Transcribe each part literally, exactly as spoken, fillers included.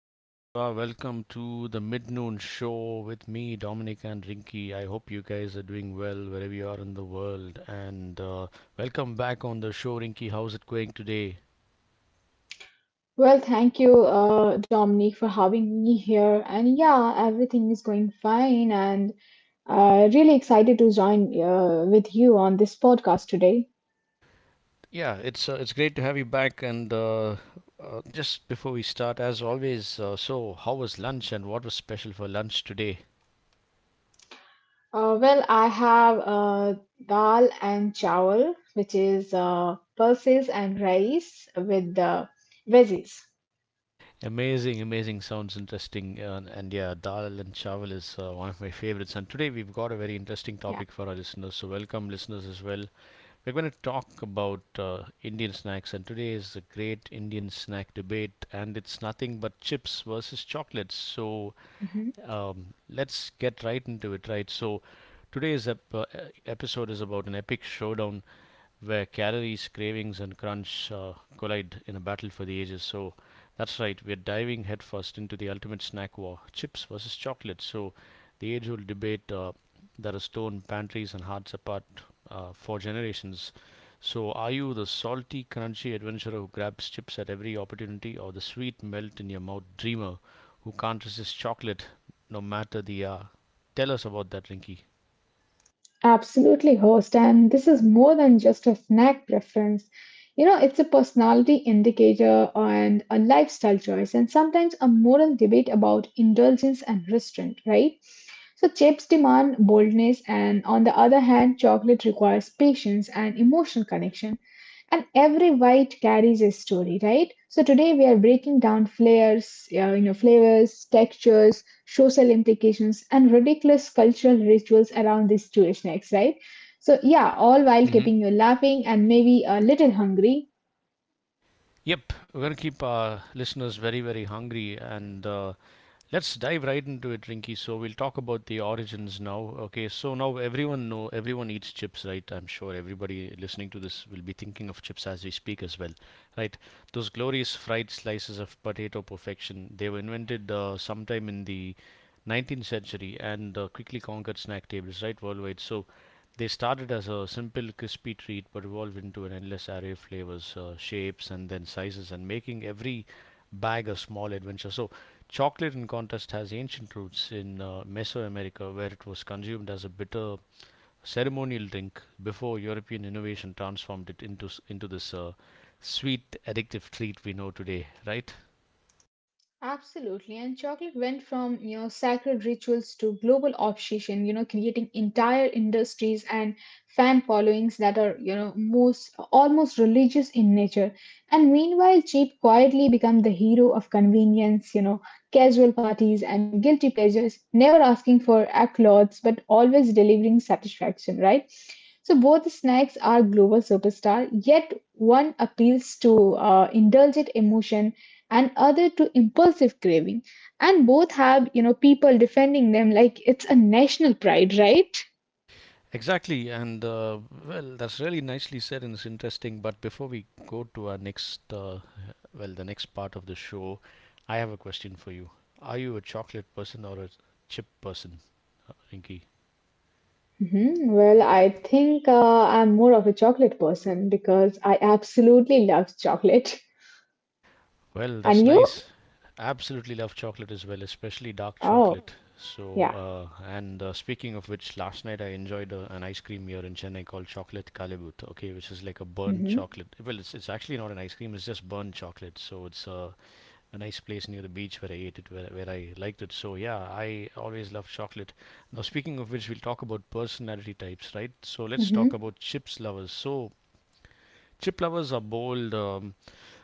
wherever you are. Welcome to the Midnoon Show with me, Dominic and Rinky. I hope you guys are doing well wherever you are in the world. And uh, Welcome back on the show, Rinky. How's it going today? Well, thank you, uh, Dominique, for having me here. And yeah, everything is going fine, and uh, really excited to join uh, with you on this podcast today. Yeah, it's uh, it's great to have you back. And uh, uh, Just before we start, as always, uh, so how was lunch and what was special for lunch today? Uh, well, I have uh, dal and chawal, which is uh, pulses and rice with the veggies. Amazing, amazing. Sounds interesting. Uh, and yeah, Dal and Chawal is uh, one of my favorites. And today we've got a very interesting Yeah. topic for our listeners. So, welcome, listeners, as well. We're going to talk about uh, Indian snacks. And today is a great Indian snack debate. And it's nothing but chips versus chocolates. So, Mhm. um, let's get right into it, right? So, today's ep- uh, episode is about an epic showdown where calories, cravings, and crunch uh, collide in a battle for the ages. So, that's right. We're diving headfirst into the ultimate snack war, chips versus chocolate. So, the age old debate uh, that has torn pantries and hearts apart uh, for generations. So, are you the salty, crunchy adventurer who grabs chips at every opportunity, or the sweet, melt in your mouth dreamer who can't resist chocolate no matter the hour? Tell us about that, Rinky. Absolutely, host. And this is more than just a snack preference. You know, it's a personality indicator and a lifestyle choice, and sometimes a moral debate about indulgence and restraint, right? So, chips demand boldness, and on the other hand, chocolate requires patience and emotional connection, and every bite carries a story, right? So today we are breaking down flares, uh, you know, flavors, textures, social implications, and ridiculous cultural rituals around these two snacks, right? So yeah, all while Hmm. keeping you laughing and maybe a little hungry. Yep, we're going to keep our listeners very, very hungry, and uh, let's dive right into it, Rinky. So we'll talk about the origins now. Okay, so now everyone know everyone eats chips, right? I'm sure everybody listening to this will be thinking of chips as we speak as well, right? Those glorious fried slices of potato perfection. They were invented uh, sometime in the nineteenth century and uh, quickly conquered snack tables, right, worldwide. So they started as a simple crispy treat, but evolved into an endless array of flavors, uh, shapes, and then sizes, and making every bag a small adventure. So chocolate, in contrast, has ancient roots in uh, Mesoamerica, where it was consumed as a bitter ceremonial drink before European innovation transformed it into s- into this uh, sweet, addictive treat we know today. Right? Absolutely. And chocolate went from, you know, sacred rituals to global obsession, you know, creating entire industries and fan followings that are, you know, most almost religious in nature. And meanwhile, cheap quietly become the hero of convenience, you know, casual parties and guilty pleasures, never asking for applause, but always delivering satisfaction, right? So both the snacks are global superstar, yet one appeals to uh, indulgent emotion and other to impulsive craving, and both have, you know, people defending them like it's a national pride, right? Exactly, and uh, well, that's really nicely said and it's interesting. But before we go to our next, uh, well, the next part of the show, I have a question for you. Are you a chocolate person or a chip person, Rinky? Mhm. Well, I think uh, I'm more of a chocolate person because I absolutely love chocolate. Well, that's And you? nice. Absolutely love chocolate as well, especially dark Oh, chocolate. So, yeah. uh, and uh, speaking of which, last night I enjoyed uh, an ice cream here in Chennai called Chocolate Kalibut, okay, which is like a burnt Mm-hmm. chocolate. Well, it's, it's actually not an ice cream, it's just burnt chocolate. So, it's uh, A nice place near the beach where I ate it, where, where I liked it. So, yeah, I always love chocolate. Now, speaking of which, we'll talk about personality types, right? So, let's talk about chips lovers. So, chip lovers are bold, um,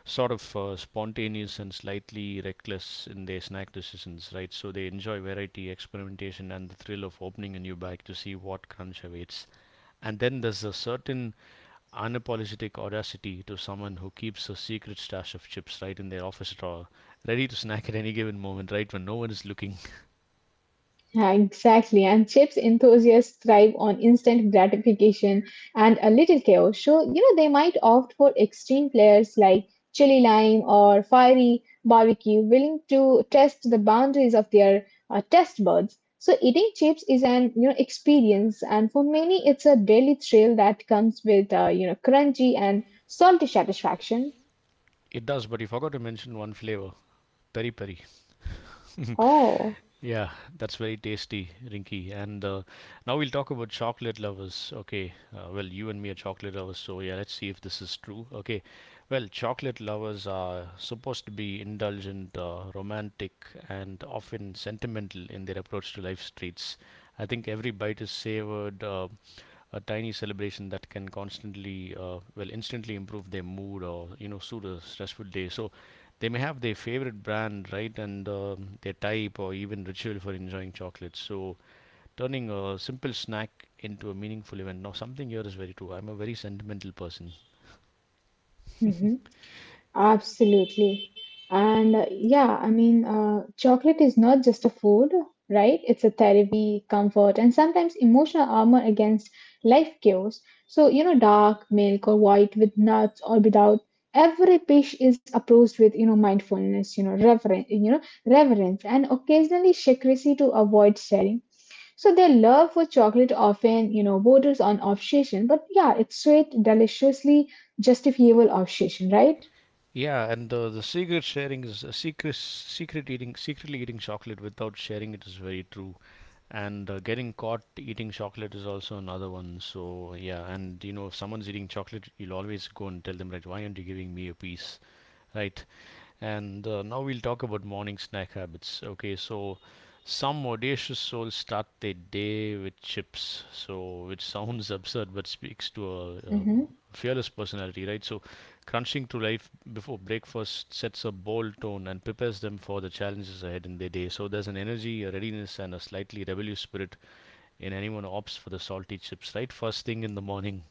sort of uh, spontaneous, and slightly reckless in their snack decisions, right? So they enjoy variety, experimentation, and the thrill of opening a new bag to see what crunch awaits. And then there's a certain unapologetic audacity to someone who keeps a secret stash of chips right in their office drawer, ready to snack at any given moment, right when no one is looking. Yeah, exactly. And chips enthusiasts thrive on instant gratification and a little chaos. So, you know, they might opt for extreme flavors like chili lime or fiery barbecue, willing to test the boundaries of their uh, test buds. So, eating chips is an, you know, experience. And for many, it's a daily thrill that comes with, uh, you know, crunchy and salty satisfaction. It does, but you forgot to mention one flavor, peri peri. Oh. Yeah, that's very tasty, Rinky. And uh, Now we'll talk about chocolate lovers. Okay, uh, well, you and me are chocolate lovers, so yeah, let's see if this is true. Okay, well, chocolate lovers are supposed to be indulgent, uh, romantic, and often sentimental in their approach to life's treats. I think every bite is savored, uh, a tiny celebration that can constantly, uh, well, instantly improve their mood or, you know, soothe a stressful day. So, they may have their favorite brand, right, and um, their type or even ritual for enjoying chocolates. So, turning a simple snack into a meaningful event. Now, something here is very true. I'm a very sentimental person. Mm-hmm. Absolutely. And uh, yeah, I mean, uh, chocolate is not just a food, right? It's a therapy, comfort, and sometimes emotional armor against life chaos. So, you know, dark milk or white, with nuts or without, every dish is approached with, you know, mindfulness, you know, reverence, you know, reverence, and occasionally secrecy to avoid sharing. So their love for chocolate often, you know, borders on obsession, but yeah, it's sweet, deliciously justifiable obsession, right? Yeah, and uh, the secret sharing is a secret, secret eating, secretly eating chocolate without sharing it is very true. And uh, Getting caught eating chocolate is also another one. So yeah, and you know, if someone's eating chocolate, you'll always go and tell them, right? Why aren't you giving me a piece, right? And uh, Now we'll talk about morning snack habits. Okay, so some audacious souls start their day with chips, so which sounds absurd but speaks to a, a Hmm. fearless personality, right? So crunching through life before breakfast sets a bold tone and prepares them for the challenges ahead in their day. So there's an energy, a readiness, and a slightly rebellious spirit in anyone who opts for the salty chips, right? First thing in the morning.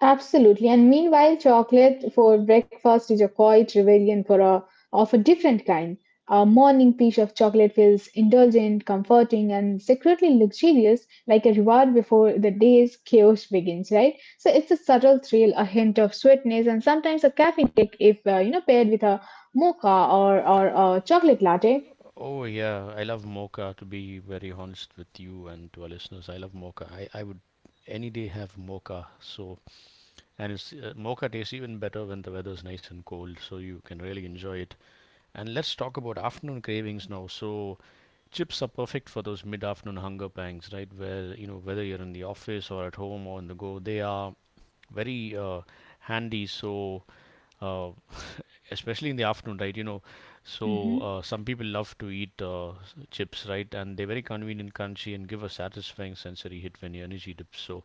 Absolutely. And meanwhile, chocolate for breakfast is a quiet rebellion for a of a different kind. A morning piece of chocolate feels indulgent, comforting, and secretly luxurious, like a reward before the day's chaos begins. Right. So it's a subtle thrill, a hint of sweetness, and sometimes a caffeine kick if uh, you know, paired with a mocha or or a chocolate latte. Oh yeah, I love mocha to be very honest with you and to our listeners. I love mocha. I, I would any day have mocha. So and it's uh, mocha tastes even better when the weather's nice and cold, so you can really enjoy it. And let's talk about afternoon cravings now. So chips are perfect for those mid-afternoon hunger pangs, right? Where you know whether you're in the office or at home or on the go, they are very uh, handy. So uh, especially in the afternoon, right? You know, so uh, some people love to eat uh, s- chips, right? And they're very convenient, crunchy, and give a satisfying sensory hit when your energy dips. So,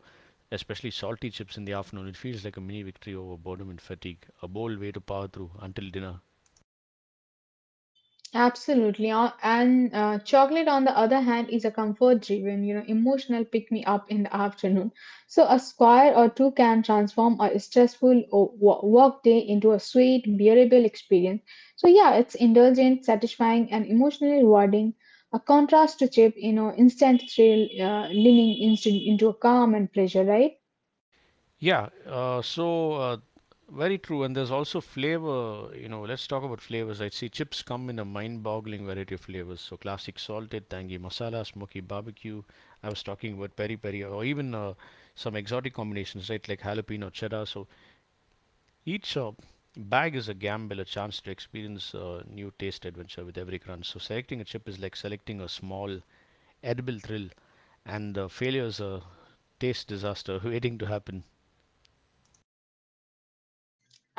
especially salty chips in the afternoon, it feels like a mini victory over boredom and fatigue, a bold way to power through until dinner. Absolutely. Uh, And uh, Chocolate, on the other hand, is a comfort driven, you know, emotional pick me up in the afternoon. So, a square or two can transform a stressful o- wo- work day into a sweet, bearable experience. So, yeah, it's indulgent, satisfying, and emotionally rewarding. A contrast to chip, you know, instant thrill, uh, leaning instant into a calm and pleasure, right? Yeah, uh, so uh, Very true. And there's also flavor. You know, let's talk about flavors. I see chips come in a mind-boggling variety of flavors. So classic salted, tangy masala, smoky barbecue. I was talking about peri peri, or even uh, some exotic combinations, right? Like jalapeno cheddar. So each uh, bag is a gamble, a chance to experience a new taste adventure with every crunch. So selecting a chip is like selecting a small edible thrill, and uh, failure is a taste disaster waiting to happen.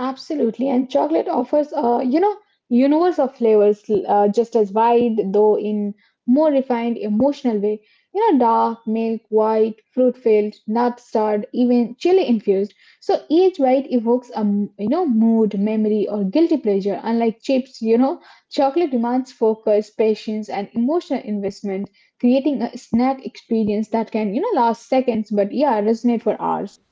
Absolutely, and chocolate offers a, you know, universe of flavors, uh, just as wide, though in more refined, emotional way. You know, dark, milk, white, fruit-filled, nut-starred, even chili-infused. So each bite evokes a m- you know, mood, memory, or guilty pleasure. Unlike chips, you know, chocolate demands focus, patience, and emotional investment, creating a snack experience that can, you know, last seconds, but yeah, resonate for hours.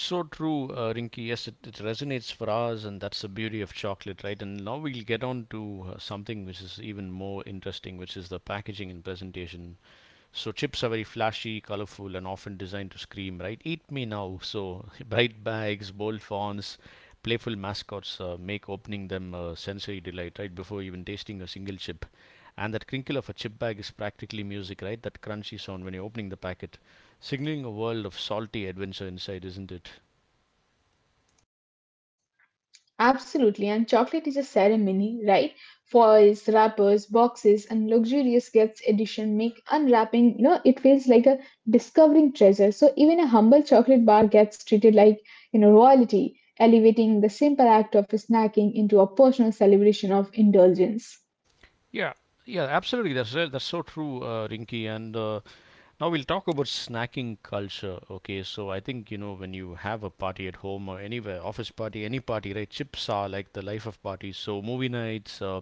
So true, uh, Rinky. Yes, it, it resonates for us, and that's the beauty of chocolate, right? And now we'll get on to uh, something which is even more interesting, which is the packaging and presentation. So, chips are very flashy, colorful, and often designed to scream, right? Eat me now. So, bright bags, bold fonts, playful mascots uh, make opening them a sensory delight, right? Before even tasting a single chip. And that crinkle of a chip bag is practically music, right? That crunchy sound when you're opening the packet, signaling a world of salty adventure inside, isn't it? Absolutely, and chocolate is a ceremony, right? Foils, wrappers, boxes, and luxurious gifts edition make unwrapping, you know, it feels like a discovering treasure. So even a humble chocolate bar gets treated like, you know, royalty, elevating the simple act of snacking into a personal celebration of indulgence. Yeah, yeah, absolutely. That's right. That's so true, uh, Rinky. And uh, Now we'll talk about snacking culture. Okay, so I think you know when you have a party at home or anywhere, office party, any party, right? Chips are like the life of parties. So movie nights, uh,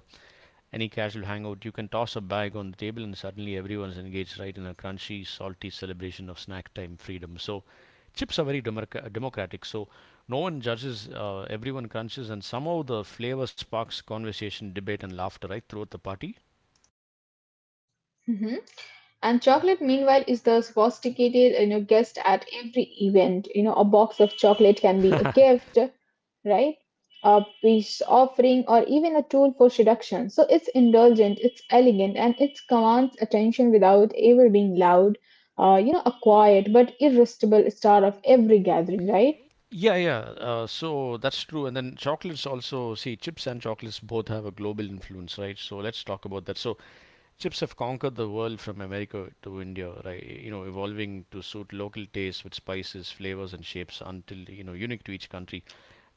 any casual hangout, you can toss a bag on the table, and suddenly everyone's engaged, right, in a crunchy, salty celebration of snack time freedom. So chips are very democra- democratic. So no one judges, uh, everyone crunches, and somehow the flavor sparks conversation, debate, and laughter right throughout the party. And chocolate, meanwhile, is the sophisticated, you know, guest at every event. You know, a box of chocolate can be a gift, right? A peace offering, or even a tool for seduction. So it's indulgent, it's elegant, and it commands attention without ever being loud. Uh, you know, a quiet but irresistible star of every gathering, right? Yeah, yeah. Uh, so that's true. And then chocolates also, see, chips and chocolates both have a global influence, right? So let's talk about that. So chips have conquered the world from America to India, right? You know, evolving to suit local tastes with spices, flavors, and shapes until, you know, unique to each country.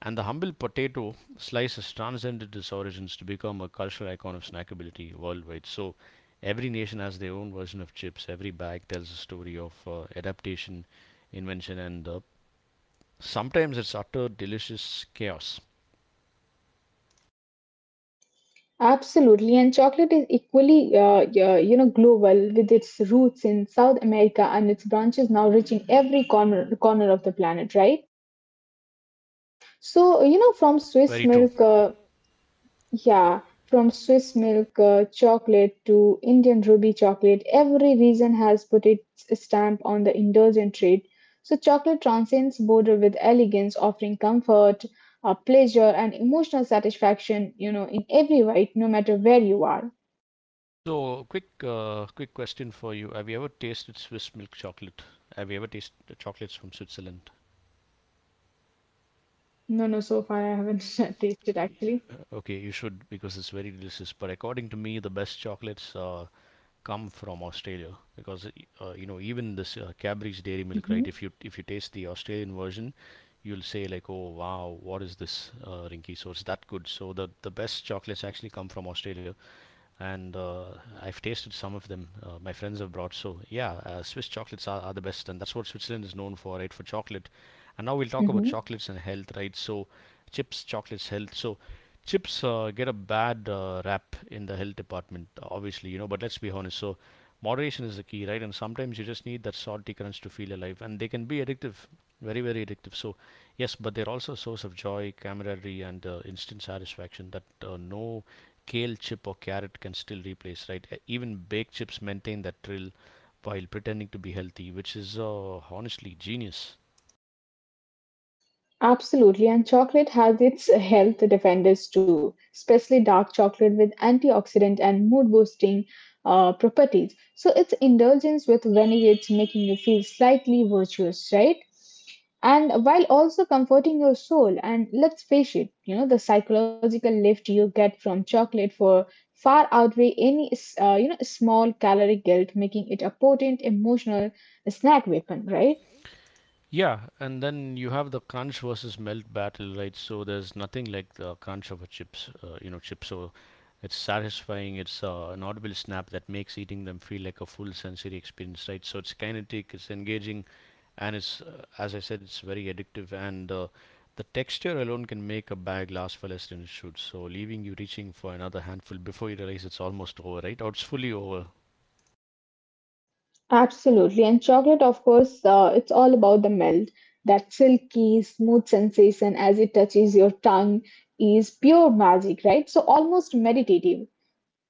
And the humble potato slice has transcended its origins to become a cultural icon of snackability worldwide. So every nation has their own version of chips. Every bag tells a story of uh, adaptation, invention, and uh, sometimes it's utter delicious chaos. Absolutely, and chocolate is equally, uh, y- you know, global, with its roots in South America and its branches now reaching every corner corner of the planet, right? So, you know, from Swiss Very true. milk, uh, yeah, from Swiss milk uh, chocolate to Indian ruby chocolate, every region has put its stamp on the indulgent treat. So, chocolate transcends border with elegance, offering comfort, uh, pleasure, and emotional satisfaction, you know, in every bite, no matter where you are. So, quick, uh, quick question for you: Have you ever tasted Swiss milk chocolate? Have you ever tasted the chocolates from Switzerland? No, no, so far I haven't tasted actually. Okay, you should because it's very delicious. But according to me, the best chocolates uh, come from Australia, because uh, uh, you know even this uh, Cadbury's Dairy Milk, Hmm. right? If you if you taste the Australian version, you'll say like, "Oh wow, what is this, uh, Rinky?" So it's that good. So the the best chocolates actually come from Australia, and uh, I've tasted some of them. Uh, my friends have brought, so yeah, uh, Swiss chocolates are, are the best, and that's what Switzerland is known for, right? For chocolate. And now we'll talk about Hmm. chocolates and health, right? So chips, chocolates, health. So chips uh, get a bad uh, rap in the health department, obviously, you know. But let's be honest. So moderation is the key, right? And sometimes you just need that salty crunch to feel alive, and they can be addictive, very, very addictive. So, yes, but they're also a source of joy, camaraderie, and uh, instant satisfaction that uh, no kale chip or carrot can still replace, right? E- Even baked chips maintain that thrill while pretending to be healthy, which is uh, honestly genius. Absolutely, and chocolate has its health defenders too, especially dark chocolate with antioxidant and mood boosting uh, properties. So it's indulgence with vinaigrette, making you feel slightly virtuous, right? And while also comforting your soul, and let's face it, you know, the psychological lift you get from chocolate for far outweigh any uh, you know, small caloric guilt, making it a potent emotional snack weapon, right? Yeah, and then you have the crunch versus melt battle, right? So there's nothing like the crunch of a chips, uh, you know, chip. So it's satisfying. It's uh, an audible snap that makes eating them feel like a full sensory experience, right? So it's kinetic, it's engaging, and it's, uh, as I said, it's very addictive. And uh, The texture alone can make a bag last for less than it should, so leaving you reaching for another handful before you realize it's almost over, right? Or it's fully over. Absolutely. And chocolate, of course, uh, it's all about the melt. That silky, smooth sensation as it touches your tongue is pure magic, right? So almost meditative.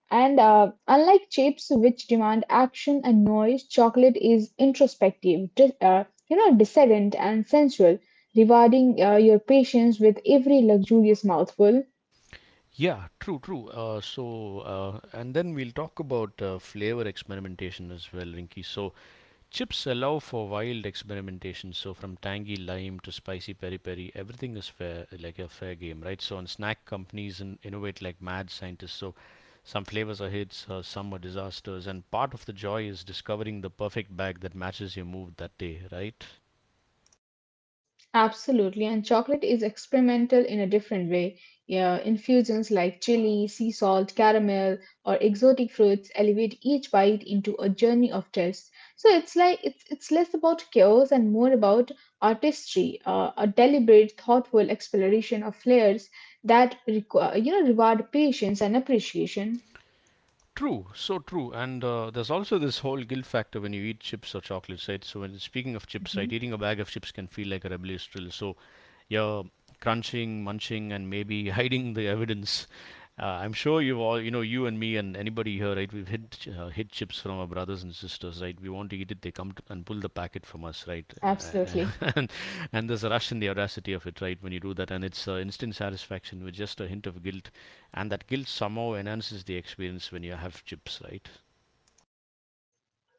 And uh, unlike chips, which demand action and noise, chocolate is introspective, di- uh, you know, discerned and sensual, rewarding uh, your patience with every luxurious mouthful. Yeah, true, true. Uh, so, uh, and then we'll talk about uh, flavor experimentation as well, Rinky. So, chips allow for wild experimentation. So, from tangy lime to spicy peri peri, everything is fair, like a fair game, right? So, and snack companies and innovate like mad scientists. So, some flavors are hits, uh, some are disasters, and part of the joy is discovering the perfect bag that matches your mood that day, right? Absolutely, and chocolate is experimental in a different way. Yeah, infusions like chili, sea salt, caramel, or exotic fruits elevate each bite into a journey of taste. So it's like it's it's less about chaos and more about artistry, uh, a deliberate, thoughtful exploration of flavors that require, you know, reward patience and appreciation. True, so true. And uh, there's also this whole guilt factor when you eat chips or chocolates, right? So when speaking of chips, right, Mhm. eating a bag of chips can feel like a rebellious thrill. So you're crunching, munching, and maybe hiding the evidence. Uh, I'm sure you've all, you know, you and me and anybody here, right? We've hid ch- uh, hid chips from our brothers and sisters, right? We want to eat it, they come to, and pull the packet from us, right? Absolutely. Uh, and and there's a rush in the audacity of it, right? When you do that, and it's uh, instant satisfaction with just a hint of guilt, and that guilt somehow enhances the experience when you have chips, right?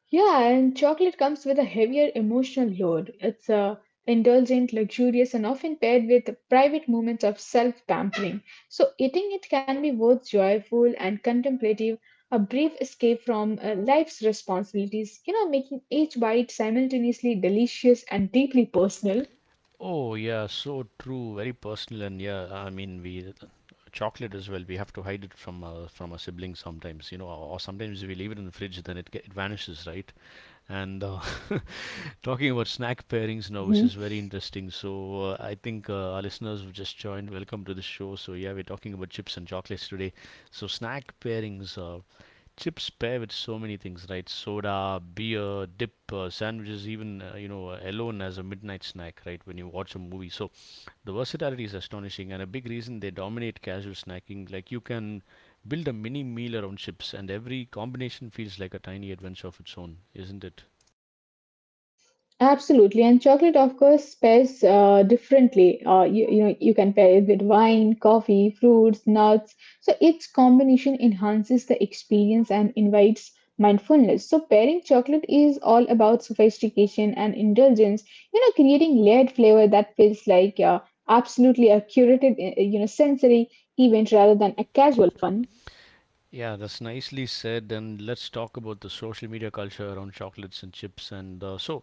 Yeah, and chocolate comes with a heavier emotional load. It's uh, indulgent, luxurious, and often paired with private moments of self pampering. So, eating it can be both joyful and contemplative, a brief escape from uh, life's responsibilities, you know, making each bite simultaneously delicious and deeply personal. Oh yeah, so true, very personal. And yeah, I mean, we chocolate as well, we have to hide it from uh, from our siblings sometimes, you know, or, or sometimes we leave it in the fridge, then it, ge- it vanishes, right? And uh, talking about snack pairings now, which is very interesting. So uh, I think uh, our listeners who just joined, welcome to the show. So yeah, we're talking about chips and chocolates today. So snack pairings, uh, chips pair with so many things, right? Soda, beer, dip, uh, sandwiches, even uh, you know uh, alone as a midnight snack, right, when you watch a movie. So the versatility is astonishing and a big reason they dominate casual snacking. Like, you can build a mini meal around chips, and every combination feels like a tiny adventure of its own, isn't it? Absolutely, and chocolate, of course, pairs uh, differently. Uh, you, you know, you can pair it with wine, coffee, fruits, nuts. So its combination enhances the experience and invites mindfulness. So pairing chocolate is all about sophistication and indulgence. You know, creating layered flavor that feels like uh, absolutely a curated, uh, you know, sensory event rather than a casual fun. Yeah, that's nicely said. And let's talk about the social media culture around chocolates and chips. And uh, so,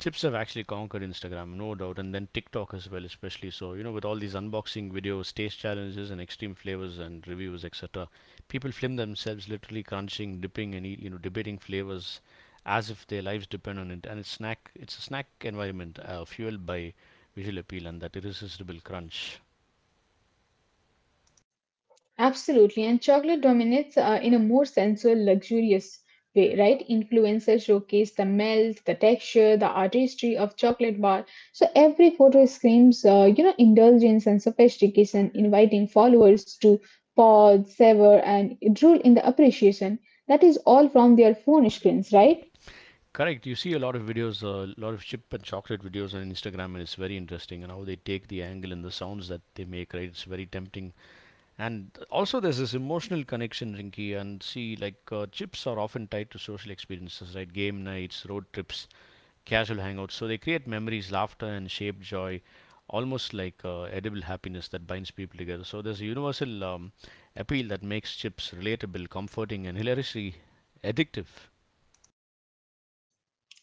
chips have actually conquered Instagram, no doubt, and then TikTok as well, especially. So, you know, with all these unboxing videos, taste challenges, and extreme flavors and reviews, et cetera, people film themselves literally crunching, dipping, and eat, you know, debating flavors as if their lives depend on it. And it's snack, it's a snack environment uh, fueled by visual appeal and that irresistible crunch. Absolutely, and chocolate dominates uh, in a more sensual, luxurious way, right? Influencers showcase the melt, the texture, the artistry of chocolate bar. So every photo screams, uh, you know, indulgence and sophistication, inviting followers to pause, savor, and drool in the appreciation. That is all from their phone screens, right? Correct. You see a lot of videos, a lot of chip and chocolate videos on Instagram, and it's very interesting and how they take the angle and the sounds that they make, right? It's very tempting. And also, there's this emotional connection, Rinky. And see, like, uh, chips are often tied to social experiences, right? Game nights, road trips, casual hangouts. So they create memories, laughter, and shape joy, almost like uh, edible happiness that binds people together. So there's a universal um, appeal that makes chips relatable, comforting, and hilariously addictive.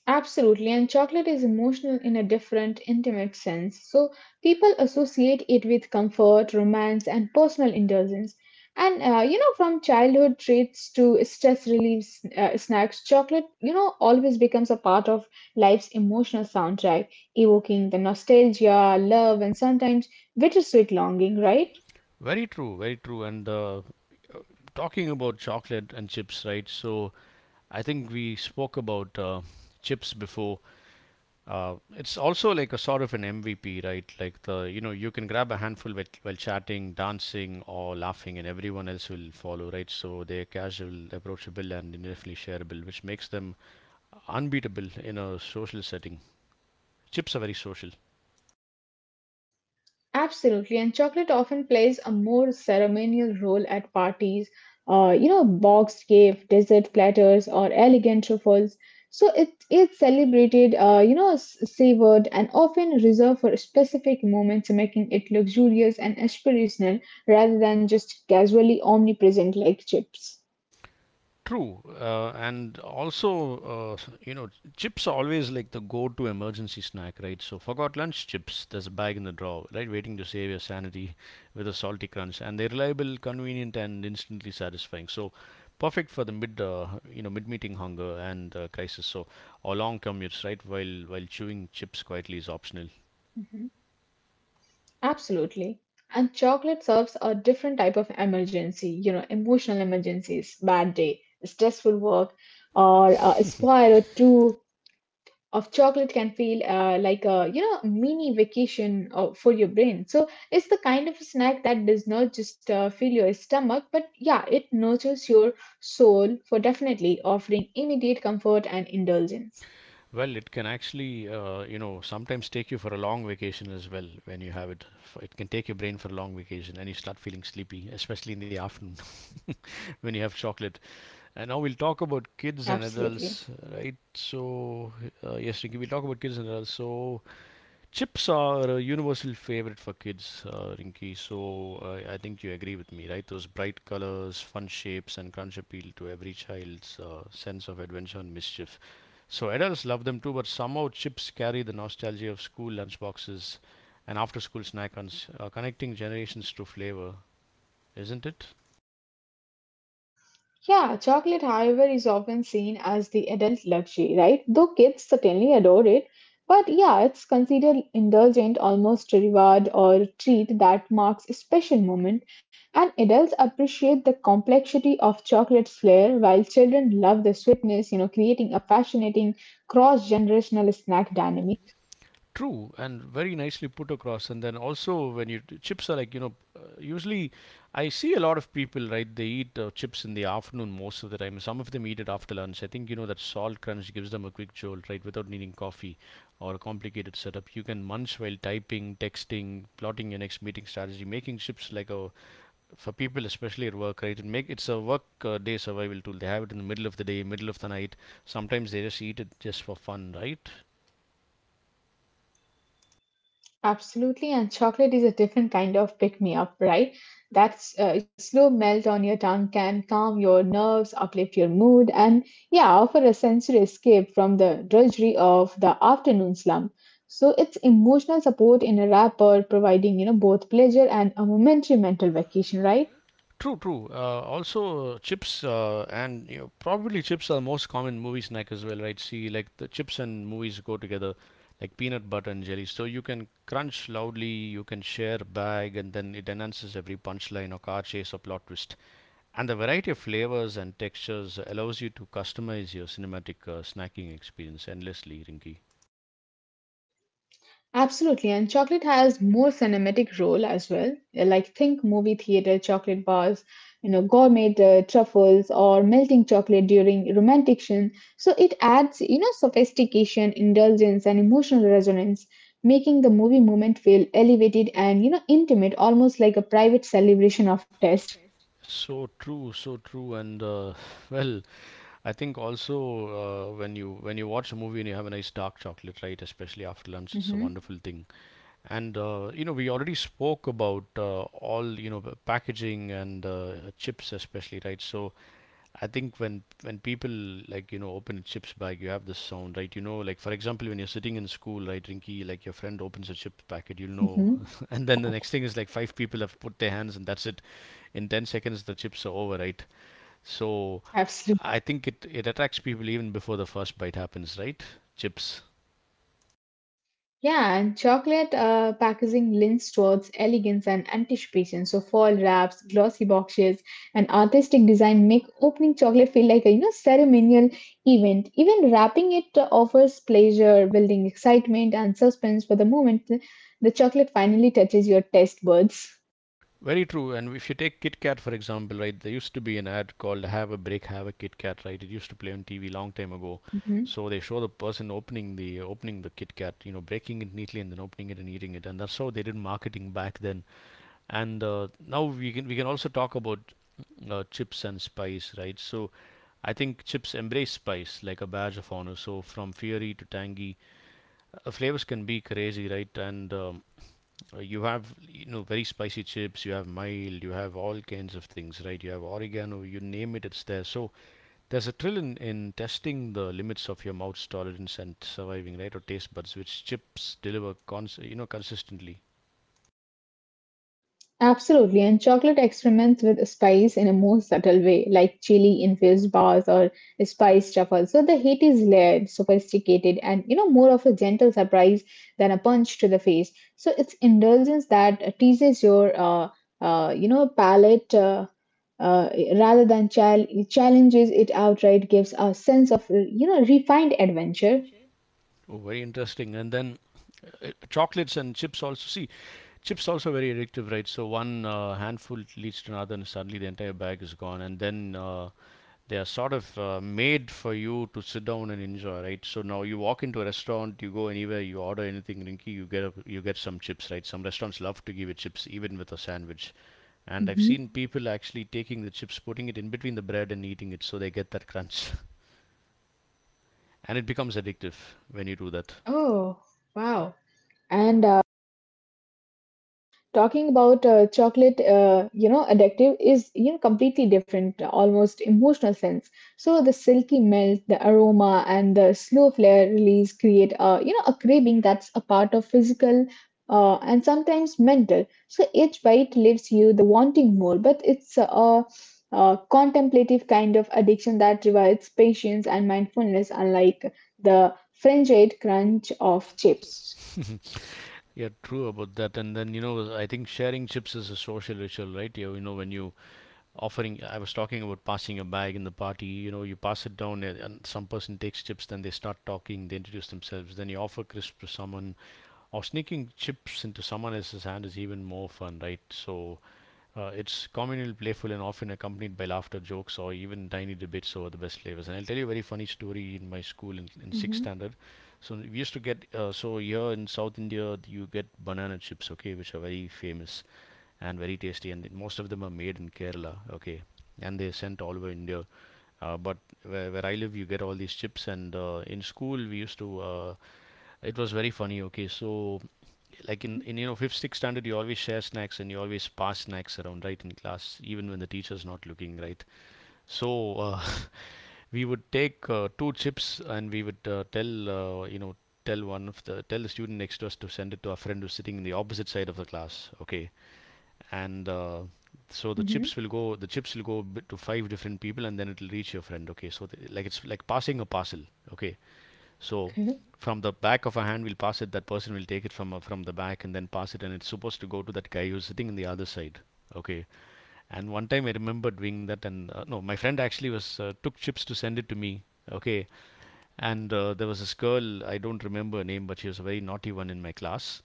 Absolutely, and chocolate is emotional in a different, intimate sense. So, people associate it with comfort, romance, and personal indulgence. And uh, you know, from childhood treats to stress relief uh, snacks, chocolate, you know, always becomes a part of life's emotional soundtrack, evoking the nostalgia, love, and sometimes bittersweet longing, right? Very true, very true. And uh, talking about chocolate and chips, right? So I think we spoke about uh, chips before. Uh, it's also like a sort of an M V P, right? Like, the, you know, you can grab a handful while, while chatting, dancing, or laughing, and everyone else will follow, right? So they're casual, approachable, and definitely shareable, which makes them unbeatable in a social setting. Chips are very social. Absolutely, and chocolate often plays a more ceremonial role at parties, uh, you know, boxed gift, dessert platters, or elegant truffles. So it is celebrated, uh, you know, s- savored, and often reserved for specific moments, making it luxurious and aspirational rather than just casually omnipresent like chips. True, uh, and also, uh, you know, chips are always like the go-to emergency snack, right? So forgot lunch chips. There's a bag in the drawer, right, waiting to save your sanity with a salty crunch, and they're reliable, convenient, and instantly satisfying. So perfect for the mid, uh, you know, mid-meeting hunger and uh, crisis. So, or long commutes, right? While while chewing chips quietly is optional. Mhm. Absolutely. And chocolate serves a different type of emergency, you know, emotional emergencies, bad day, stressful work, or uh, a square or two of chocolate can feel uh, like a, you know, mini vacation uh, for your brain. So it's the kind of snack that does not just uh, fill your stomach, but yeah, it nurtures your soul, for definitely offering immediate comfort and indulgence. Well, it can actually, uh, you know, sometimes take you for a long vacation as well when you have it. F- It can take your brain for a long vacation and you start feeling sleepy, especially in the afternoon when you have chocolate. And now we'll talk about kids and Absolutely. adults, right? So, uh, yes, Ricky, we'll talk about kids and adults. So chips are a universal favorite for kids, uh, Rinky. So I I think you agree with me, right? Those bright colors, fun shapes, and crunch appeal to every child's uh, sense of adventure and mischief. So adults love them too, but somehow chips carry the nostalgia of school lunchboxes and after-school snack hunts, uh, connecting generations through flavor, isn't it? Yeah, chocolate, however, is often seen as the adult luxury, right? Though kids certainly adore it, but yeah, it's considered indulgent, almost a reward or treat that marks a special moment. And adults appreciate the complexity of chocolate's flair, while children love the sweetness, you know, creating a fascinating cross generational snack dynamic. True, and very nicely put across. And then also, when you chips are like, you know, uh, usually I see a lot of people, right. They eat uh, chips in the afternoon most of the time. Some of them eat it after lunch. I think you know that salt crunch gives them a quick jolt, right, without needing coffee or a complicated setup. You can munch while typing, texting, plotting your next meeting strategy, making chips like a for people, especially at work, right. And make it's a work uh, day survival tool. They have it in the middle of the day, middle of the night. Sometimes they just eat it just for fun, right. Absolutely, and chocolate is a different kind of pick me up, right? That's uh, slow melt on your tongue can calm your nerves, uplift your mood, and yeah, offer a sensory escape from the drudgery of the afternoon slump. So it's emotional support in a wrapper, providing, you know, both pleasure and a momentary mental vacation, right? True, true. Uh, also, chips uh, and, you know, probably chips are the most common movie snack as well, right? See, like, the chips and movies go together like peanut butter and jelly. So you can crunch loudly, you can share a bag, and then it enhances every punchline or car chase or plot twist. And the variety of flavors and textures allows you to customize your cinematic uh, snacking experience endlessly, Rinky. Absolutely, and chocolate has more cinematic role as well. Like think movie theater chocolate bars, you know, gourmet uh, truffles or melting chocolate during romantic scene. So it adds, you know, sophistication, indulgence, and emotional resonance, making the movie moment feel elevated and, you know, intimate, almost like a private celebration of taste. So true, so true, and uh, well, I think also uh, when you when you watch a movie and you have a nice dark chocolate, right? Especially after lunch, it's a Hmm. wonderful thing. And uh, you know, we already spoke about uh, all, you know, the packaging and uh, chips, especially, right? So I think when when people, like, you know, open a chips bag, you have this sound, right? You know, like, for example, when you're sitting in school, right, Rinky, like your friend opens a chip packet, you'll know. Hmm. And then the next thing is, like, five people have put their hands, and that's it. In ten seconds, the chips are over, right? So Absolutely. I think it, it attracts people even before the first bite happens, right? Chips. Yeah, and chocolate uh, packaging leans towards elegance and anticipation. So foil wraps, glossy boxes, and artistic design make opening chocolate feel like a, you know, ceremonial event. Even wrapping it uh, offers pleasure, building excitement and suspense for the moment the chocolate finally touches your taste buds. Very true. And if you take Kit Kat, for example, right, there used to be an ad called Have a Break, Have a Kit Kat, right? It used to play on T V long time ago. Mm-hmm. So they show the person opening the opening the Kit Kat, you know, breaking it neatly and then opening it and eating it. And that's how they did marketing back then. And uh, now we can we can also talk about uh, chips and spice, right? So I think chips embrace spice like a badge of honor. So from fiery to tangy, Uh, flavors can be crazy, right? And um, uh, you have, you know, very spicy chips, you have mild, you have all kinds of things, right? You have oregano, you name it, it's there. So there's a thrill in, in testing the limits of your mouth's tolerance and surviving, right? Or taste buds, which chips deliver, cons- you know, consistently. Absolutely, and chocolate experiments with spice in a more subtle way, like chili infused bars or spice truffles. So the heat is layered, sophisticated, and you know more of a gentle surprise than a punch to the face. So it's indulgence that teases your uh, uh, you know palate uh, uh, rather than chal- challenges it outright. Gives a sense of you know refined adventure. Oh, very interesting. And then uh, uh, chocolates and chips also. See, chips also very addictive, right? So one uh, handful leads to another, and suddenly the entire bag is gone. And then uh, they are sort of uh, made for you to sit down and enjoy, right? So now you walk into a restaurant, you go anywhere, you order anything, Rinky, you get a, you get some chips, right? Some restaurants love to give you chips even with a sandwich, and I've Mhm. seen people actually taking the chips, putting it in between the bread and eating it, so they get that crunch. And it becomes addictive when you do that. Oh, wow. And uh, talking about uh, chocolate uh, you know addictive is you know completely different almost emotional sense. So the silky melt, the aroma, and the slow flare release create a you know a craving that's a part of physical uh, and sometimes mental. So each bite leaves you the wanting more, but it's a, a contemplative kind of addiction that requires patience and mindfulness unlike the frenzied crunch of chips. Yeah, true about that. And then, you know, I think sharing chips is a social ritual, right? You, you know, when you offering I was talking about passing a bag in the party. You know you pass it down, and and some person takes chips, then they start talking, they introduce themselves, then you offer crisps to someone, or sneaking chips into someone else's hand is even more fun, right? So uh, it's communal, playful, and often accompanied by laughter, jokes, or even tiny debates over the best flavors. And I'll tell you a very funny story in my school in, in sixth Mm-hmm. standard. So we used to get, uh, so here in South India you get banana chips, okay, which are very famous and very tasty, and most of them are made in Kerala, okay, and they're sent all over India. Uh, but where, where I live, you get all these chips, and uh, in school we used to. Uh, it was very funny. Okay, so like in, in you know fifth sixth standard you always share snacks and you always pass snacks around, right, in class even when the teacher's not looking, right? So uh, we would take uh, two chips and we would uh, tell uh, you know tell one of the tell the student next to us to send it to our friend who's sitting in the opposite side of the class, okay. And uh, so the Mm-hmm. chips will go the chips will go to five different people, and then it'll reach your friend, okay, so the, like it's like passing a parcel, okay. So Okay. from the back of a hand, we'll pass it. That person will take it from uh, from the back and then pass it, and it's supposed to go to that guy who's sitting on the other side. Okay. And one time I remember doing that, and uh, no, my friend actually was uh, took chips to send it to me. Okay. And uh, there was this girl, I don't remember her name, but she was a very naughty one in my class.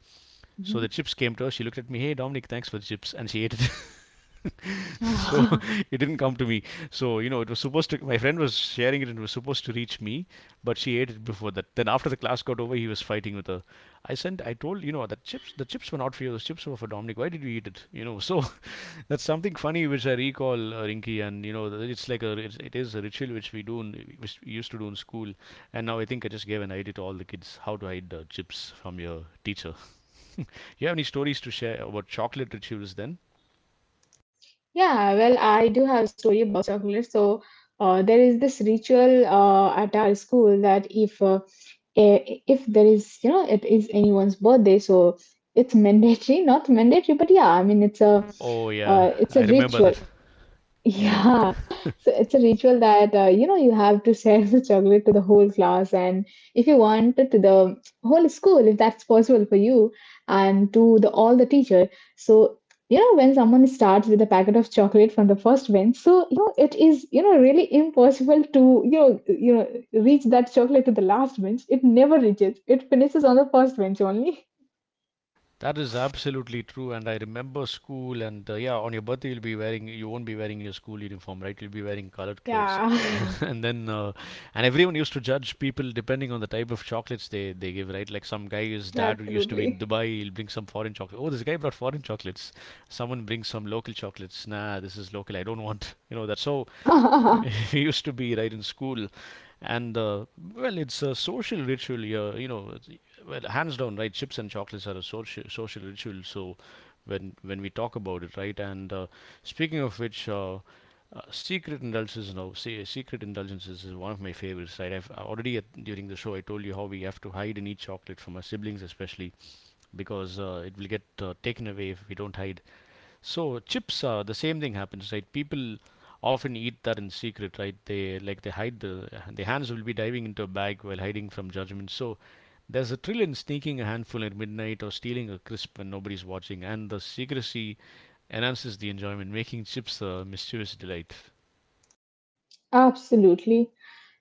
So Mm-hmm. the chips came to her. She looked at me, hey, Dominic, thanks for the chips. And she ate it. So it didn't come to me. So, you know, it was supposed to, my friend was sharing it and it was supposed to reach me, but she ate it before that. Then after the class got over, he was fighting with her. I sent, I told you know, that chips, the chips were not for you. Those chips were for Dominic. Why did you eat it? You know, so that's something funny which I recall, uh, Rinky, and you know, it's like a, it's, it is a ritual which we do, in, which we used to do in school, and now I think I just gave an idea to all the kids how to hide uh, chips from your teacher. You have any stories to share about chocolate rituals then? Yeah, well, I do have a story about chocolate. So uh, there is this ritual uh, at our school that if uh, i- if there is you know it is anyone's birthday, so it's mandatory, not mandatory, but yeah, I mean it's a Oh yeah, uh, it's a I remember ritual. that. Yeah. Yeah, so it's a ritual that uh, you know you have to share the chocolate to the whole class, and if you want to the whole school, if that's possible for you, and to the all the teachers. So you know when someone starts with a packet of chocolate from the first bench, so you know it is you know really impossible to you know you know reach that chocolate to the last bench. It never reaches. It finishes on the first bench only. That is absolutely true, and I remember school. And uh, yeah, on your birthday, you'll be wearing, you won't be wearing your school uniform, right? You'll be wearing colored clothes, Yeah, and then uh, and everyone used to judge people depending on the type of chocolates they they give, right? Like some guy's dad who used to be absolutely. in Dubai, he'll bring some foreign chocolate. Oh, this guy brought foreign chocolates. Someone brings some local chocolates. Nah, this is local. I don't want. You know that. So used to be right in school, and uh, well it's a social ritual, yeah, you know, it's- well hands down, right, chips and chocolates are a social social ritual. So when when we talk about it, right, and uh, speaking of which, uh, uh, secret indulgences, now say secret indulgences is one of my favorites, right? I've uh, already at, during the show I told you how we have to hide and eat chocolate from our siblings, especially because uh, it will get uh, taken away if we don't hide it. So chips, uh, the same thing happens, right? People often eat that in secret, right? They like they hide the, the hands will be diving into a bag while hiding from judgment. So there's a thrill in sneaking a handful at midnight or stealing a crisp when nobody's watching, and the secrecy enhances the enjoyment, making chips a mischievous delight. Absolutely.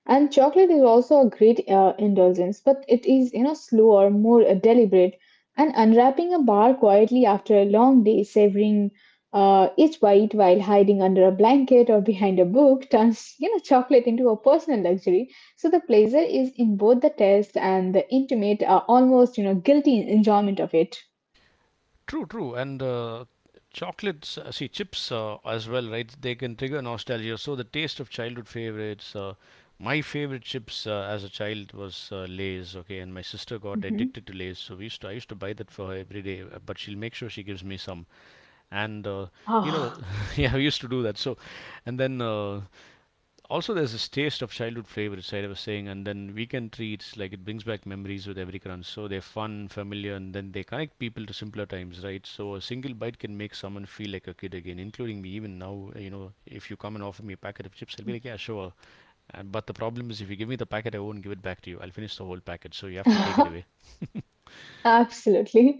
And chocolate is also a great uh, indulgence, but it is, you know, slower, more uh, deliberate. And unwrapping a bar quietly after a long day, savoring uh, each bite while hiding under a blanket or behind a book, turns, you know, chocolate into a personal luxury. So the pleasure is in both the taste and the intimate, uh, almost, you know, guilty enjoyment of it. True, true, and uh, chocolates, uh, see chips uh, as well, right? They can trigger nostalgia. So the taste of childhood favorites. Uh, my favorite chips uh, as a child was uh, Lay's, okay, and my sister got Hmm. addicted to Lay's, so we used to, I used to buy that for her every day. uh, But she'll make sure she gives me some, and uh, you know, Ah, yeah, we used to do that. So, and then. Uh, also there's this taste of childhood favorites, right, I was saying, and then weekend treats like it brings back memories with every crunch, so they're fun, familiar, and then they connect people to simpler times, right? So a single bite can make someone feel like a kid again, including me. Even now, you know, if you come and offer me a packet of chips, I'll be like, yeah, sure. And, but the problem is if you give me the packet I won't give it back to you, I'll finish the whole packet, so you have to take it away. absolutely.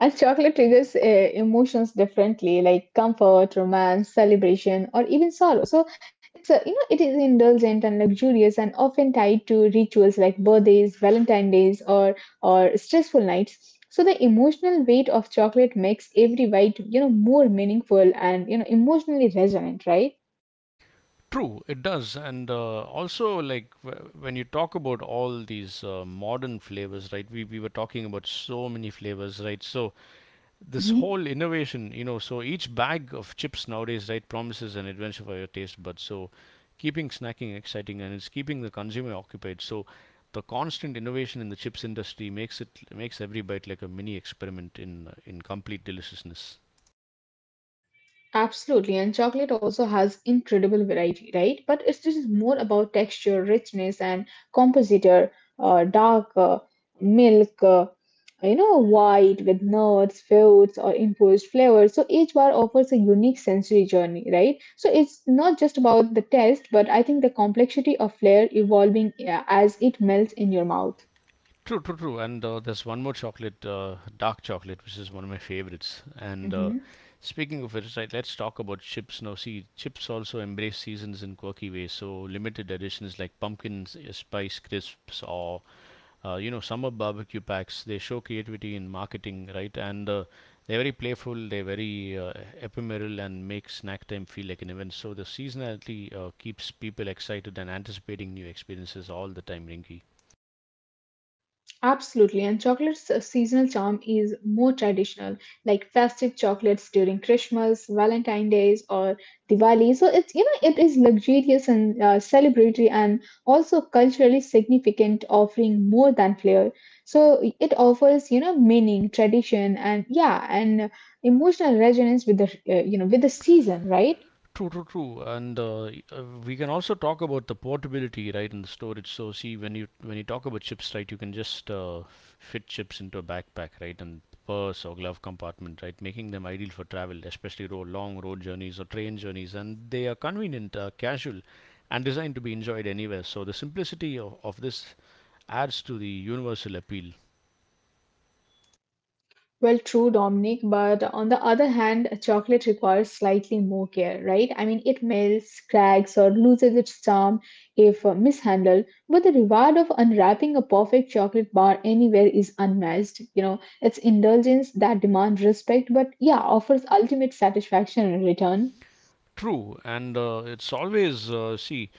And chocolate triggers uh, emotions differently, like comfort, romance, celebration, or even sorrow. So it's a, you know it is indulgent and luxurious, and often tied to rituals like birthdays, Valentine days, or or stressful nights. So the emotional weight of chocolate makes every bite you know more meaningful and you know emotionally resonant, right? True, it does, and uh, also like w- when you talk about all these uh, modern flavors, right? We we were talking about so many flavors, right? So this whole innovation, you know, so each bag of chips nowadays, right, promises an adventure for your taste buds. So keeping snacking exciting and it's keeping the consumer occupied. So the constant innovation in the chips industry makes it makes every bite like a mini experiment in uh, in complete deliciousness. Absolutely, and chocolate also has incredible variety, right? But it's just more about texture, richness, and compositor, uh, dark uh, milk, uh, you know, white with nuts, fruits, or imposed flavors. So each bar offers a unique sensory journey, right? So it's not just about the taste, but I think the complexity of flavor evolving, yeah, as it melts in your mouth. True, true, true. And uh, there's one more chocolate, uh, dark chocolate, which is one of my favorites. And uh, Mhm. speaking of which, right, let's talk about chips. Now, see, chips also embrace seasons in quirky ways. So, limited editions like pumpkin s- spice crisps, or uh, you know, summer barbecue packs, they show creativity in marketing, right? And uh, they're very playful, they're very uh, ephemeral, and make snack time feel like an event. So, the seasonality uh, keeps people excited and anticipating new experiences all the time, Rinky. Absolutely, and chocolate's uh, seasonal charm is more traditional, like festive chocolates during Christmas, Valentine Days, or Diwali. So it's you know it is luxurious and uh, celebratory, and also culturally significant, offering more than flavor. So it offers you know meaning, tradition, and yeah, and uh, emotional resonance with the uh, you know with the season, right? True, true, true. And uh, y- uh, we can also talk about the portability, right, in the storage. So, see, when you when you talk about chips, right, you can just uh, fit chips into a backpack, right, and purse or glove compartment, right, making them ideal for travel, especially ro- long road journeys or train journeys. And they are convenient, uh, casual, and designed to be enjoyed anywhere. So, the simplicity of, of this adds to the universal appeal. Well, true, Dominic, but on the other hand, chocolate requires slightly more care, right? I mean, it melts, cracks, or loses its charm if uh, mishandled, but the reward of unwrapping a perfect chocolate bar anywhere is unmatched. You know, it's indulgence that demands respect, but yeah, offers ultimate satisfaction in return. True, and uh, it's always uh, see,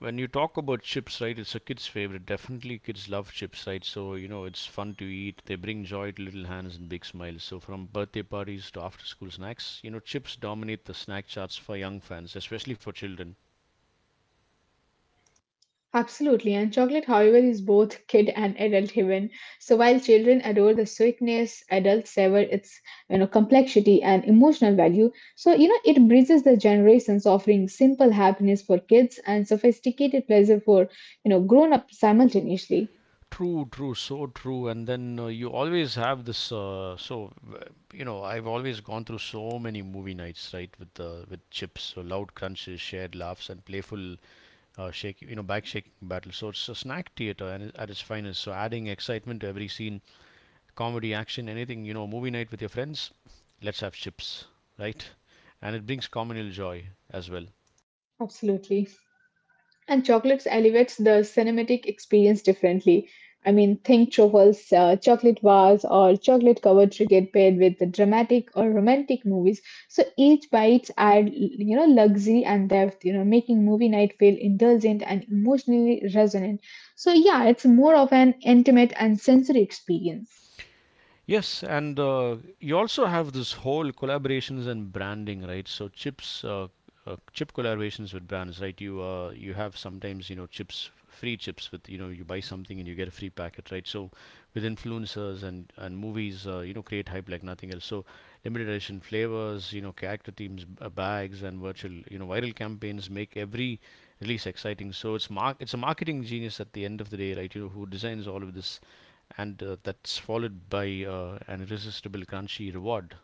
when you talk about chips, right, it's a kid's favorite. Definitely, kids love chips, right? So, you know, it's fun to eat. They bring joy to little hands and big smiles. So, from birthday parties to after school snacks, you know, chips dominate the snack charts for young fans, especially for children. Absolutely, and chocolate, however, is both kid and adult heaven. So while children adore the sweetness, adults savor its you know complexity and emotional value. So you know it bridges the generations, offering simple happiness for kids and sophisticated pleasure for you know grown up simultaneously. True, true, so true. And then uh, you always have this. Uh, so, w- you know, I've always gone through so many movie nights, right, with uh, with chips. So loud crunches, shared laughs, and playful uh, shaking, you know, back shaking battle. So it's a snack theater and at its finest. So adding excitement to every scene, comedy, action, anything, you know, movie night with your friends, let's have chips, right? And it brings communal joy as well. Absolutely. And chocolates elevates the cinematic experience differently. I mean, think truffles, uh, chocolate bars, or chocolate covered cricket paired with the dramatic or romantic movies. So each bites add, you know, luxury and depth, you know, making movie night feel indulgent and emotionally resonant. So yeah, it's more of an intimate and sensory experience. Yes, and uh, you also have this whole collaborations and branding, right? So chips, uh, uh, chip collaborations with brands, right? You uh, you have sometimes you know chips, free chips with you know you buy something and you get a free packet, right? So with influencers and and movies, uh, you know create hype like nothing else. So limited edition flavors, you know character themes, b- uh, bags, and virtual you know viral campaigns make every release exciting. So it's mark it's a marketing genius at the end of the day, right? You know who designs all of this, and uh, that's followed by uh, an irresistible crunchy reward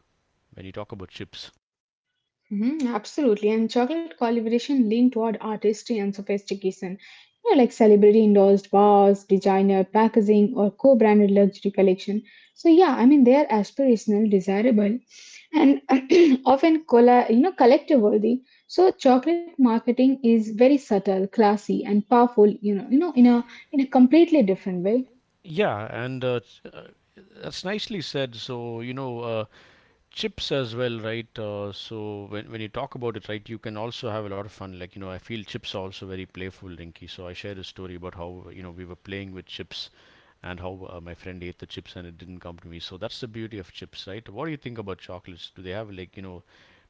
when you talk about chips. Mhm, absolutely, and chocolate collaboration lean toward artistry and sophistication. You know, like celebrity endorsed bars, designer packaging, or co-branded luxury collection. So yeah, I mean they are aspirational, desirable, and often colla- you know collective worthy. So chocolate marketing is very subtle, classy, and powerful. You know, you know in a in a completely different way. Yeah, and uh, that's nicely said. So, you know, uh, chips as well, right? Uh, so, when, when you talk about it, right, you can also have a lot of fun. Like, you know, I feel chips are also very playful, Rinky. So, I shared a story about how, you know, we were playing with chips and how uh, my friend ate the chips and it didn't come to me. So, that's the beauty of chips, right? What do you think about chocolates? Do they have, like, you know,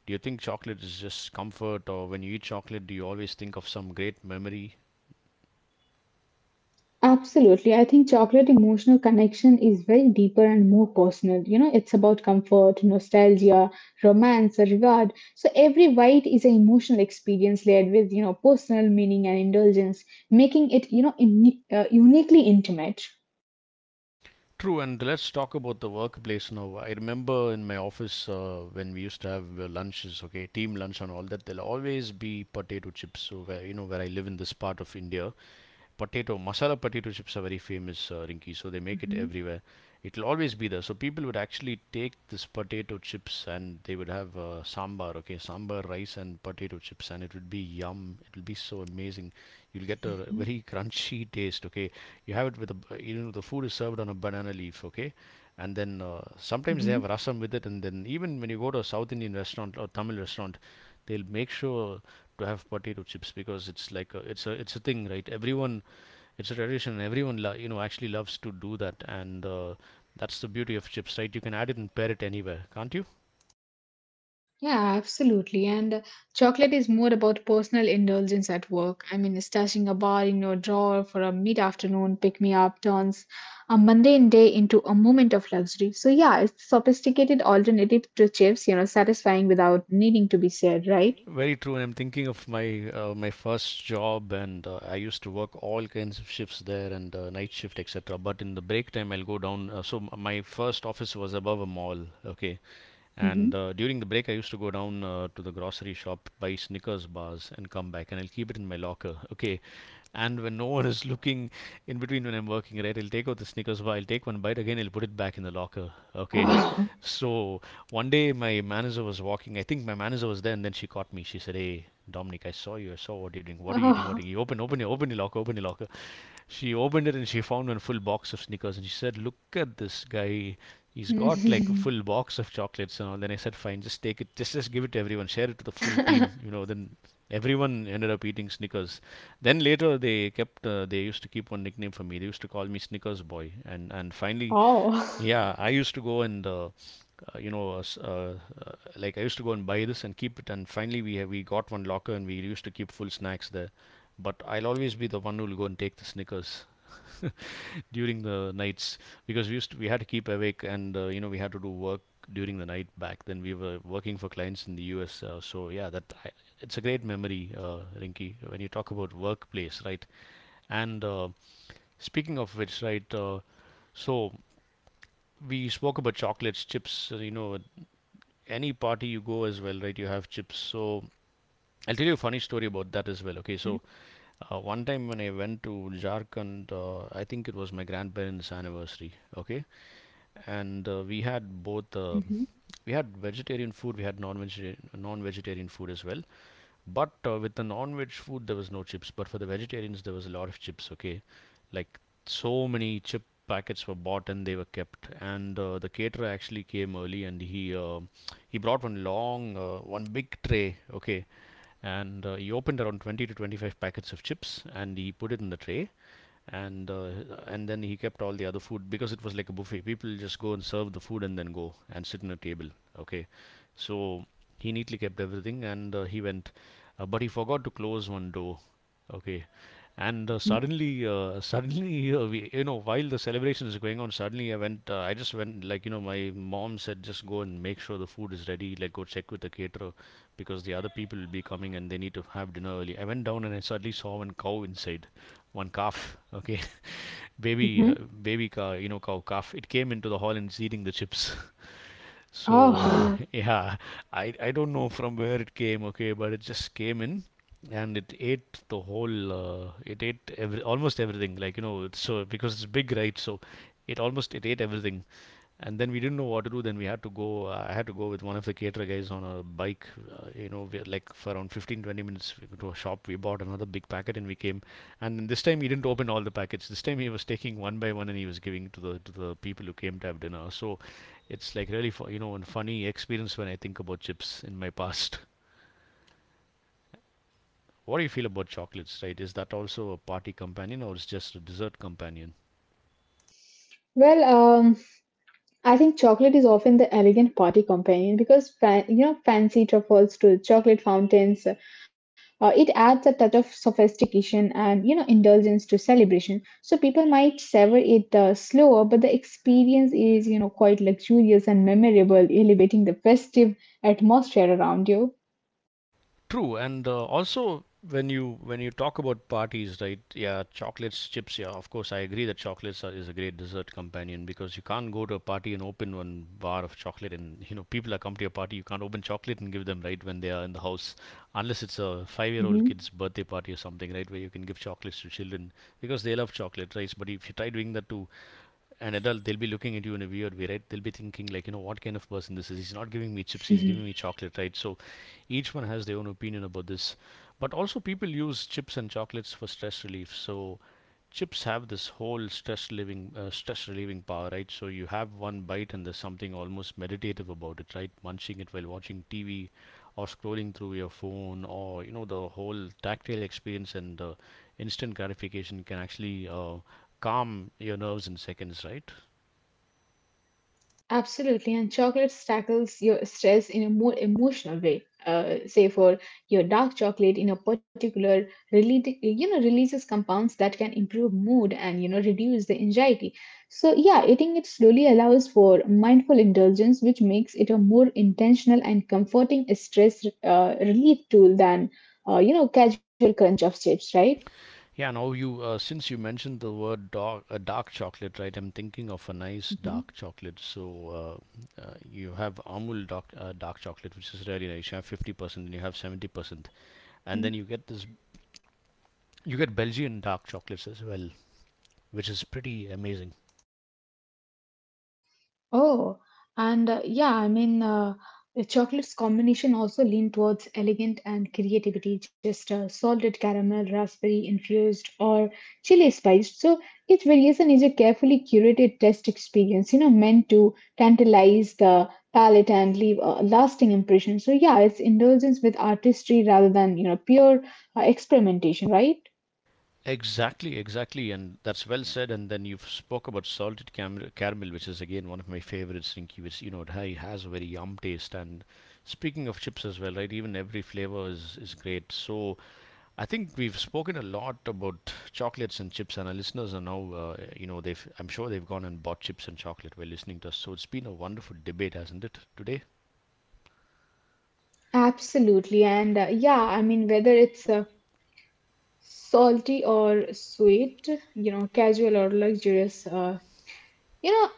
Do you think chocolate is just comfort, or when you eat chocolate, do you always think of some great memory? Absolutely. I think chocolate emotional connection is very deeper and more personal. You know, it's about comfort, nostalgia, romance, a reward. So every bite is an emotional experience layered with, you know, personal meaning and indulgence, making it, you know, uni- uh, uniquely intimate. True, and let's talk about the workplace now. I remember in my office uh, when we used to have uh, lunches, okay, team lunch and all that. There'll always be potato chips. So where you know where I live in this part of India, potato masala potato chips are very famous, uh, Rinki. So they make it Mhm, everywhere. It'll always be there. So people would actually take this potato chips and they would have uh, sambar, okay, sambar, rice, and potato chips, and it would be yum. It'll be so amazing. You'll get a very crunchy taste, okay. You have it with a, b- you know, the food is served on a banana leaf, okay, and then uh, sometimes they have mhm. rasam with it, and then even when you go to a South Indian restaurant or Tamil restaurant, they'll make sure to have potato chips because it's like a, it's a it's a thing, right? Everyone it's a tradition everyone lo- you know actually loves to do that and uh, that's the beauty of chips, right? You can add it and pair it anywhere, can't you? Yeah, absolutely. And uh, chocolate is more about personal indulgence at work. I mean, stashing a bar in your drawer for a mid afternoon pick me up turns a mundane day into a moment of luxury. So, yeah, it's a sophisticated alternative to chips, you know, satisfying without needing to be said, right? Very true, and I'm thinking of my uh, my first job and uh, I used to work all kinds of shifts there and uh, night shift etc, but in the break time I'll go down, uh, so m- my first office was above a mall, okay, Mm-hmm. and uh, during the break I used to go down uh, to the grocery shop, buy Snickers bars and come back, and I'll keep it in my locker, okay. And when no one is looking in between, when I'm working, right, he'll take out the Snickers bar, he'll take one bite again, he'll put it back in the locker. Okay, Oh. so one day my manager was walking. I think my manager was there, and then she caught me. She said, "Hey, Dominic, I saw you. I saw what you're doing. What are you doing? Oh. What are you open? Open your open your locker. Open your locker." She opened it and she found one full box of sneakers, and she said, "Look at this guy. He's got like a full box of chocolates and all." Then I said, "Fine, just take it. Just just give it to everyone. Share it to the full team. You know." Then everyone ended up eating Snickers. Then later they kept uh, they used to keep one nickname for me. They used to call me Snickers Boy, and and finally Oh. yeah, I used to go and uh, uh, you know, uh, s- uh, uh, like I used to go and buy this and keep it. And finally, we have, we got one locker and we used to keep full snacks there. But I'll always be the one who will go and take the Snickers during the nights because we used to, we had to keep awake and uh, you know we had to do work during the night back then. We were working for clients in the U S, uh, so yeah, that I, it's a great memory, uh, Rinky. When you talk about workplace, right? And uh, speaking of which, right? Uh, so we spoke about chocolates, chips. uh, You know, any party you go as well, right? You have chips. So I'll tell you a funny story about that as well. Okay, Mhm. so uh, one time when I went to Jharkhand, uh, I think it was my grandparents' anniversary. Okay, and uh, we had both uh, we had vegetarian food, we had non-vegetarian non-vegetarian food as well, but uh, with the non-veg food there was no chips, but for the vegetarians there was a lot of chips, okay. Like so many chip packets were bought and they were kept, and uh, the caterer actually came early and he uh, he brought one long uh, one big tray, okay, and uh, he opened around twenty to twenty-five packets of chips and he put it in the tray, and uh, and then he kept all the other food because it was like a buffet, people just go and serve the food and then go and sit in a table, okay. So he neatly kept everything and uh, he went, uh, but he forgot to close one door. Okay. And uh, Mhm. suddenly, uh, suddenly, uh, we, you know, while the celebration is going on, suddenly I went, uh, I just went, like, you know, my mom said, just go and make sure the food is ready, like, go check with the caterer because the other people will be coming and they need to have dinner early. I went down and I suddenly saw one cow inside, one calf, okay, baby, uh, Mhm. baby cow, you know, cow, calf. It came into the hall and it's eating the chips. So Oh. yeah, I I don't know from where it came, okay, but it just came in and it ate the whole uh, it ate every, almost everything, like you know it's so because it's big, right? So it almost, it ate everything, and then we didn't know what to do. Then we had to go, I had to go with one of the caterer guys on a bike. Uh, you know we, like for around fifteen twenty minutes, we go to a shop, we bought another big packet and we came, and then this time he didn't open all the packets. This time he was taking one by one and he was giving to the to the people who came to have dinner. So it's like really, for you know, a funny experience when I think about chips in my past. What do you feel about chocolates, right? Is that also a party companion or is just a dessert companion? Well, um, I think chocolate is often the elegant party companion because fa- you know fancy truffles to chocolate fountains. Uh, it adds a touch of sophistication and you know indulgence to celebration. So people might savor it uh, slower, but the experience is you know quite luxurious and memorable, elevating the festive atmosphere around you. True, and uh, also when you when you talk about parties, right? Yeah, chocolates, chips. Yeah, of course, I agree that chocolates are, is a great dessert companion, because you can't go to a party and open one bar of chocolate, and you know people are come to your party. You can't open chocolate and give them right when they are in the house, unless it's a Mhm. five-year-old kid's birthday party or something, right? Where you can give chocolates to children because they love chocolate, right? But if you try doing that to an adult, they'll be looking at you in a weird way, right? They'll be thinking like, you know, what kind of person this is, he's not giving me chips, he's giving me chocolate, right? So each one has their own opinion about this, but also people use chips and chocolates for stress relief. So chips have this whole stress relieving uh, stress relieving power, right? So you have one bite and there's something almost meditative about it, right? Munching it while watching TV or scrolling through your phone, or you know, the whole tactile experience and the instant gratification can actually uh, calm your nerves in seconds, right? Absolutely, and chocolates tackles your stress in a more emotional way. Uh, say for your dark chocolate in a particular rele- you know releases compounds that can improve mood and you know reduce the anxiety. So yeah, eating it slowly allows for mindful indulgence, which makes it a more intentional and comforting stress uh, relief tool than uh, you know casual crunch of chips, right? Yeah, now you, uh, since you mentioned the word dark, uh, dark chocolate, right? I'm thinking of a nice Mhm. dark chocolate. So uh, uh, you have Amul dark, uh, dark chocolate, which is really nice. You have fifty percent and you have seventy percent. And then you get this, you get Belgian dark chocolates as well, which is pretty amazing. Oh, and uh, yeah, I mean, uh, the chocolate's combination also lean towards elegant and creativity, just uh, salted caramel, raspberry infused, or chili spiced. So each variation is a carefully curated test experience, you know, meant to tantalize the palate and leave a lasting impression. So yeah, it's indulgence with artistry rather than, you know, pure uh, experimentation, right? Exactly, exactly, and that's well said. And then you've spoke about salted cam- caramel, which is again one of my favorites, Rinky, which you know it ha- has a very yum taste. And speaking of chips as well, right? Even every flavor is is great. So I think we've spoken a lot about chocolates and chips, and our listeners are now, uh, you know, they've I'm sure they've gone and bought chips and chocolate while listening to us. So it's been a wonderful debate, hasn't it, today? Absolutely. And uh, yeah, I mean, whether it's uh, salty or sweet, you know, casual or luxurious. Uh, you know,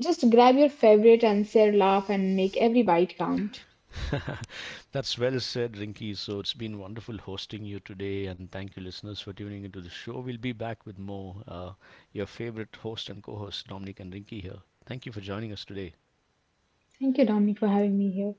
just grab your favorite and share, laugh, and make every bite count. That's well said, Rinky. So it's been wonderful hosting you today, and thank you, listeners, for tuning into the show. We'll be back with more. Uh, your favorite host and co host, Dominic and Rinky, here. Thank you for joining us today. Thank you, Dominic, for having me here.